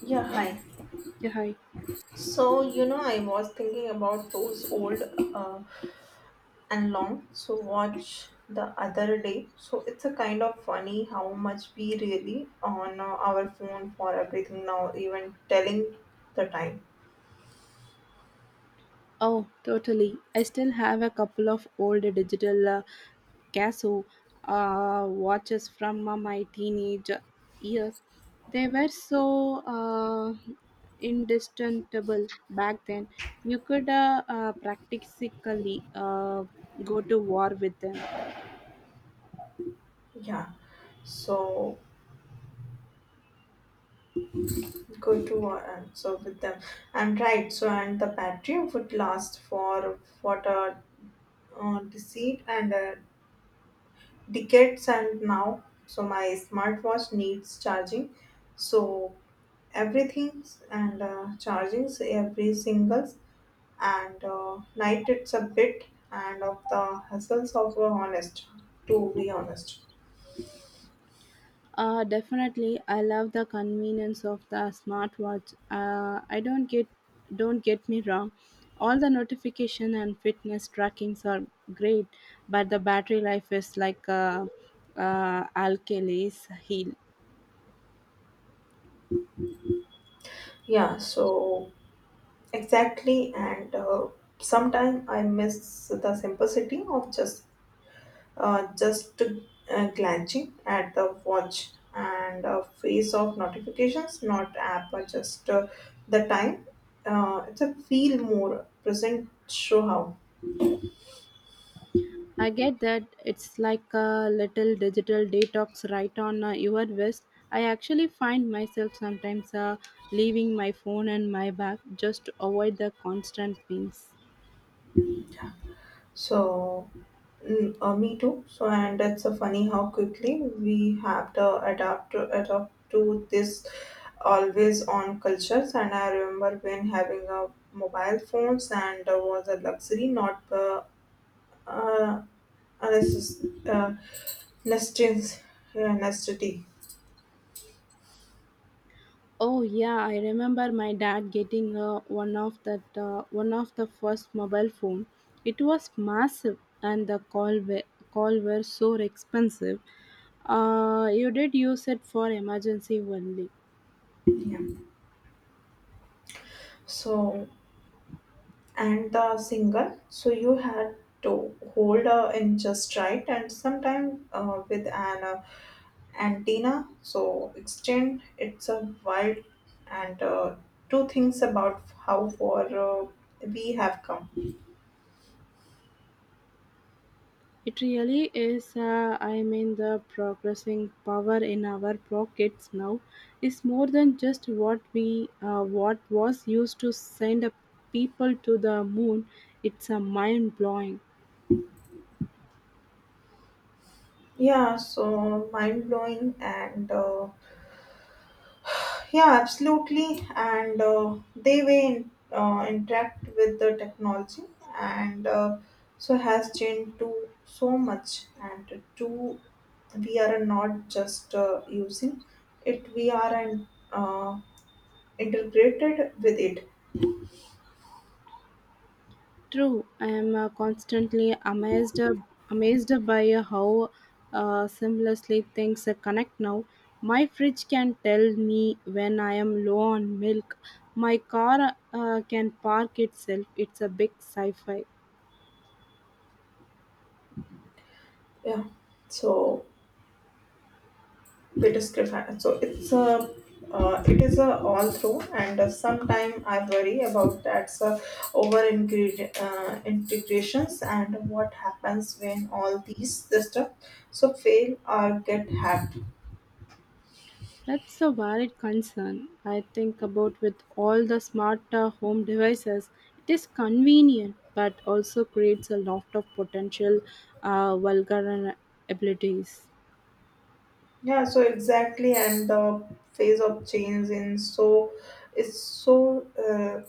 Yeah, hi. Yeah, hi. So, you know, I was thinking about those old uh, and long. So, watch the other day. So, it's a kind of funny how much we really on our phone for everything now, even telling the time. Oh, totally. I still have a couple of old digital Casio watches from my teenage years. They were so uh, indistinguishable back then. You could practically go to war with them. Yeah. So, go to so with them. And right. So, and the battery would last for what a deceit and decades and now so my smartwatch needs charging so everything and chargings every singles and night it's a bit and of the hassles of honest to be honest Definitely, I love the convenience of the smartwatch. I don't get me wrong, all the notification and fitness trackings are great, but the battery life is like alkali's heel. Yeah, so exactly and sometime I miss the simplicity of just glancing at the watch and a face of notifications, not app, but just the time. It's a feel more present, show how. I get that it's like a little digital detox right on your wrist. I actually find myself sometimes leaving my phone and my bag just to avoid the constant pings. So, me too. So, and that's a funny how quickly we have to adapt to this always on cultures. And I remember when having a mobile phones and was a luxury, not uh, a Nestin's, yeah, Nestity. Oh yeah, I remember my dad getting one of the first mobile phone. It was massive, and call were so expensive. You did use it for emergency only. Yeah. So, and the single, so you had to hold in just right and sometime with an antenna. So, extend it's a wild and two things about how far we have come. It really is. I mean, the progressing power in our pockets now is more than just what was used to send a people to the moon. It's a mind blowing. Yeah, so mind blowing and yeah, absolutely. And they way interact with the technology, and so has changed to so much. And to we are not just using it; we are uh, integrated with it. True, I am constantly amazed by how seamlessly things connect now. My fridge can tell me when I am low on milk. My car can park itself. It's a big sci-fi. Yeah. So so it's a it is a all through, and sometime I worry about that's over ingredient integrations and what happens when all these systems so fail or get hacked. That's a valid concern. I think about with all the smart home devices. It is convenient, but also creates a lot of potential vulnerabilities. Yeah, so exactly, and the phase of change in so is so.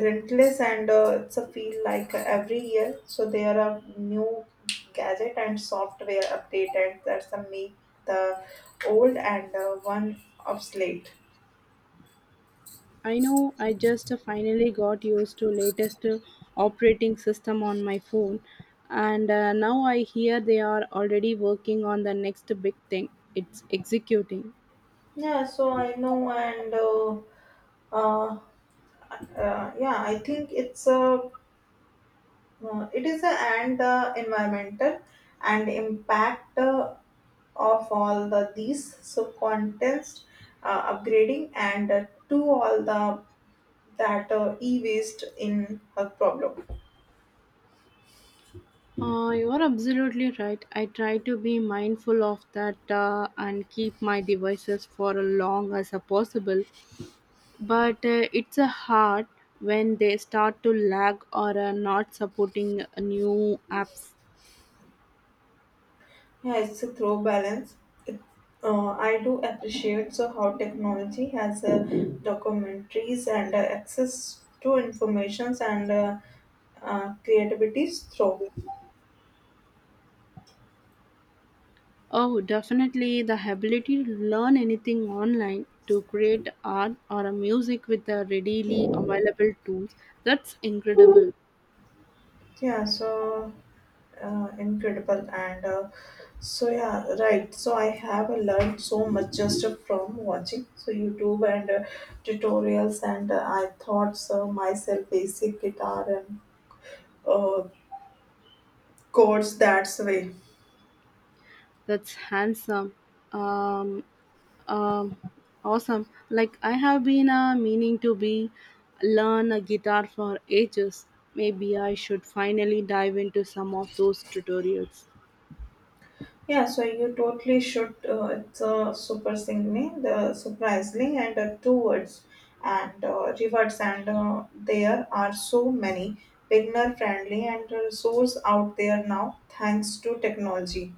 Rentless and it's a feel like every year so there are new gadget and software update and that's a make the old and one obsolete. I know I just finally got used to latest operating system on my phone and now I hear they are already working on the next big thing it's executing. Yeah so I know and uh, yeah I think it's a it is a and environmental and impact of all the these so contest upgrading and to all the that e-waste in her problem. You're absolutely right. I try to be mindful of that and keep my devices for as long as possible. But it's a hard when they start to lag or are not supporting new apps. Yeah, it's a throw balance. It, I do appreciate so how technology has documentaries and access to informations and creativities through. Oh, definitely the ability to learn anything online, to create art or a music with the readily available tools. That's incredible. Yeah, so incredible and so yeah, right. So I have learned so much just from watching so YouTube and tutorials and I thought so myself basic guitar and uh, codes that's way. That's handsome. Um, um, awesome. Like I have been meaning to be learn a guitar for ages. Maybe I should finally dive into some of those tutorials. Yeah, so you totally should. It's a super singing, the surprisingly, and two words and rewards, and there are so many beginner friendly and resource out there now thanks to technology.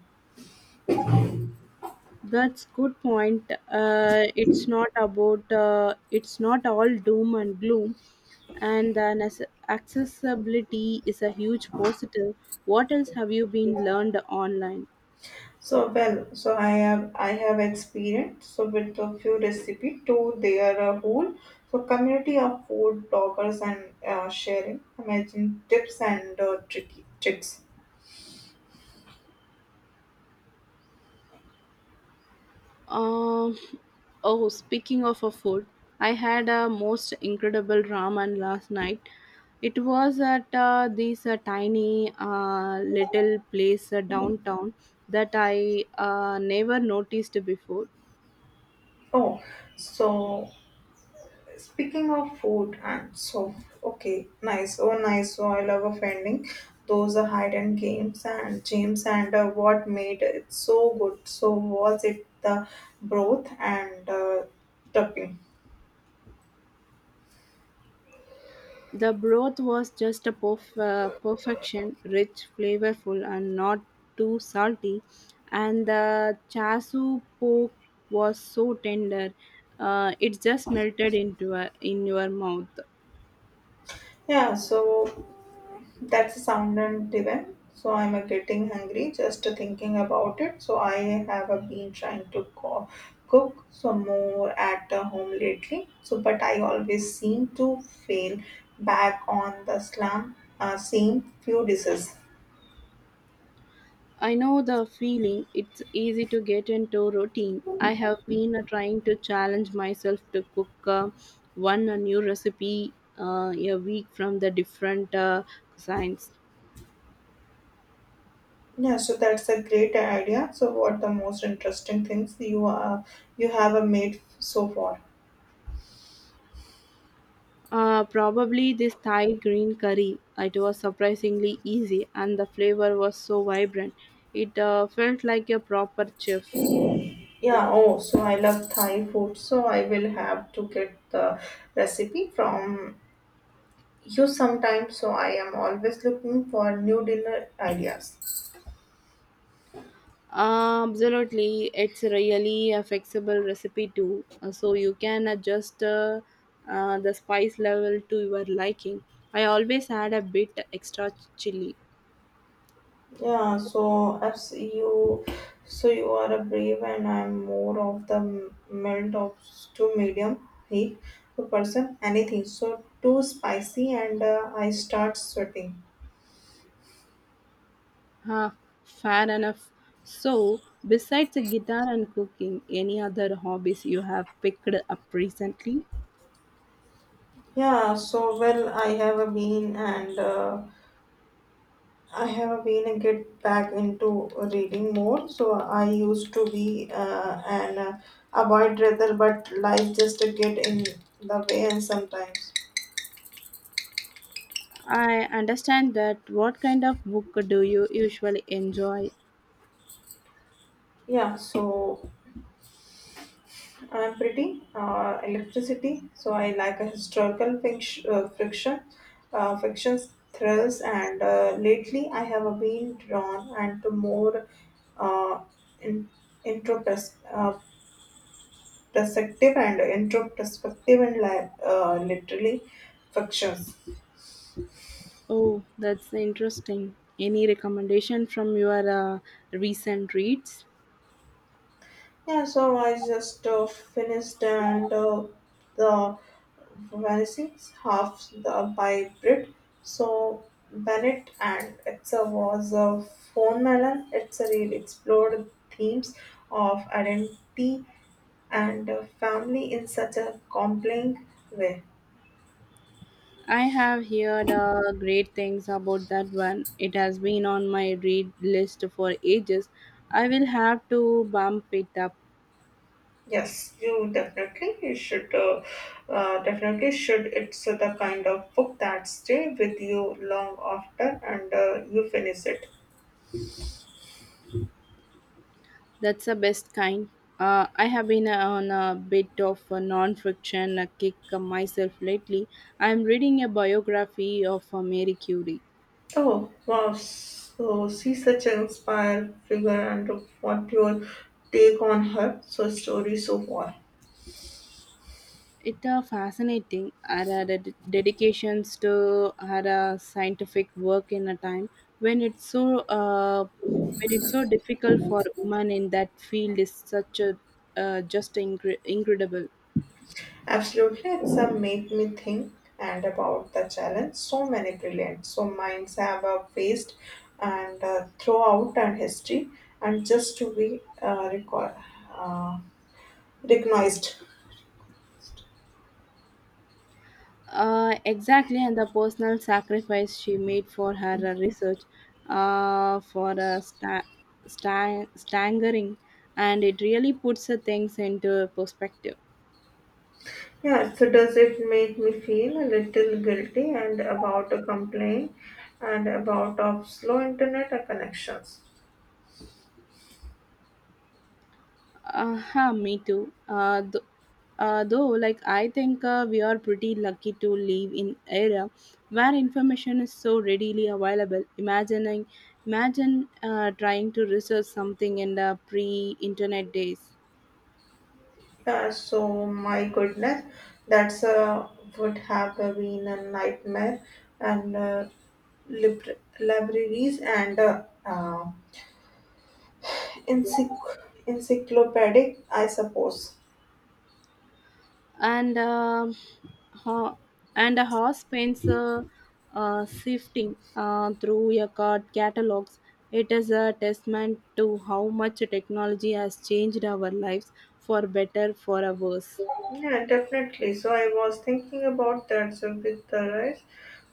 That's good point. It's not all doom and gloom, and accessibility is a huge positive. What else have you been learned online? So well, so I have experience so with a few recipe to their whole so community of food bloggers and sharing amazing tips and tricky tricks. Um, oh, speaking of a food, I had a most incredible ramen last night. It was at this tiny little place downtown that I never noticed before. Oh, so speaking of food and so, okay, nice. Oh, nice. So I love offending. Those are hide and games and James and what made it so good? So was it the broth and topping? The broth was just perfection, rich, flavorful, and not too salty. And the chasu pork was so tender, it just melted in your mouth. Yeah. So that's sounded divine. So I'm getting hungry just thinking about it. So I have been trying to cook some more at home lately. So but I always seem to fail back on the slam same few dishes. I know the feeling. It's easy to get into routine. I have been trying to challenge myself to cook one a new recipe a week from the different cuisines. Yeah, so that's a great idea. So what the most interesting things you have made so far? Probably this Thai green curry. It was surprisingly easy, and the flavor was so vibrant. It felt like a proper chef. Yeah, oh, so I love Thai food, so I will have to get the recipe from you sometimes, so I am always looking for new dinner ideas. Absolutely, it's really a flexible recipe too, so you can adjust the spice level to your liking. I always add a bit extra chili. Yeah, so as you, so you are a brave, and I'm more of the mild of to medium heat to person. Anything so too spicy, and I start sweating. Huh, fair enough. So, besides the guitar and cooking, any other hobbies you have picked up recently? Yeah, so well, I have a bean and. I have been a get back into reading more, so I used to be an avoid rather, but life just get in the way and sometimes. I understand that. What kind of book do you usually enjoy? Yeah, so I'm pretty electricity, so I like a historical finch, fictions, thrills, and lately I have been drawn and to more uh, in, introspective perspective and introspective and li- literally fictions. Oh, that's interesting. Any recommendation from your recent reads? Yeah, so I just finished and the vanishing half the by Brit. So Bennett and it's a was a phone melon. It's a real explored themes of identity and family in such a compelling way. I have heard great things about that one. It has been on my read list for ages. I will have to bump it up. Yes, you definitely you should definitely should. It's the kind of book that stay with you long after and you finish it. That's the best kind. I have been on a bit of a non-fiction kick myself lately. I'm reading a biography of Mary Curie. Oh wow! So she's such an inspired figure, and what your take on her so story so far? It are fascinating. Our dedications to our scientific work in a time when it's so uh, when it's so difficult for women in that field is such a incredible. Absolutely, it's a make me think and about the challenge. So many brilliant, so minds have faced and throughout and history, and just to be recall. Uh, Recognized. Exactly, and the personal sacrifice she made for her research, uh, for uh, sta- staggering, and it really puts things into perspective. Yeah, so does it make me feel a little guilty and about a complaint and about of slow internet or connections? Me too. Though, like, I think we are pretty lucky to live in era where information is so readily available. Imagine trying to research something in the pre-internet days, Yeah, so my goodness, that's would have been a nightmare and libraries and encyc- encyclopedic, I suppose. and ho- and a horse paints sifting through your card catalogs. It is a testament to how much technology has changed our lives for better, for a worse. Yeah, definitely. So I was thinking about that. So with the rise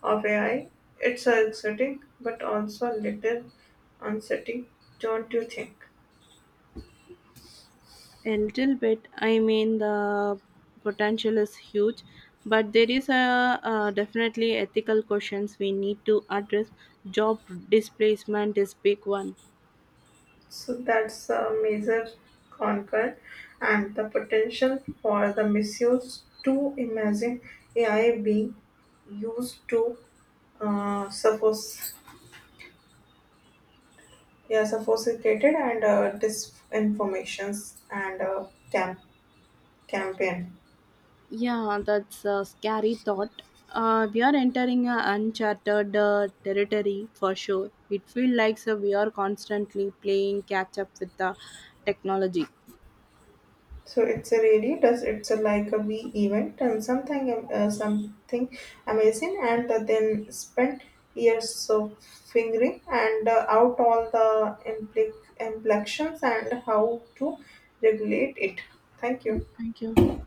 of AI, it's exciting, but also a little unsettling, don't you think? A little bit. I mean, the potential is huge, but there is a, definitely ethical questions we need to address. Job displacement is big one. So that's a major concern, and the potential for the misuse. To imagine AI being used to suppose yeah sophisticated and disinformations and campaign. Yeah, that's a scary thought. We are entering a uncharted territory for sure. It feels like so we are constantly playing catch up with the technology. So it's a really does it's a like a V event and something amazing and then spent years of figuring and out all the implications and how to regulate it. Thank Yeah, you. thank you.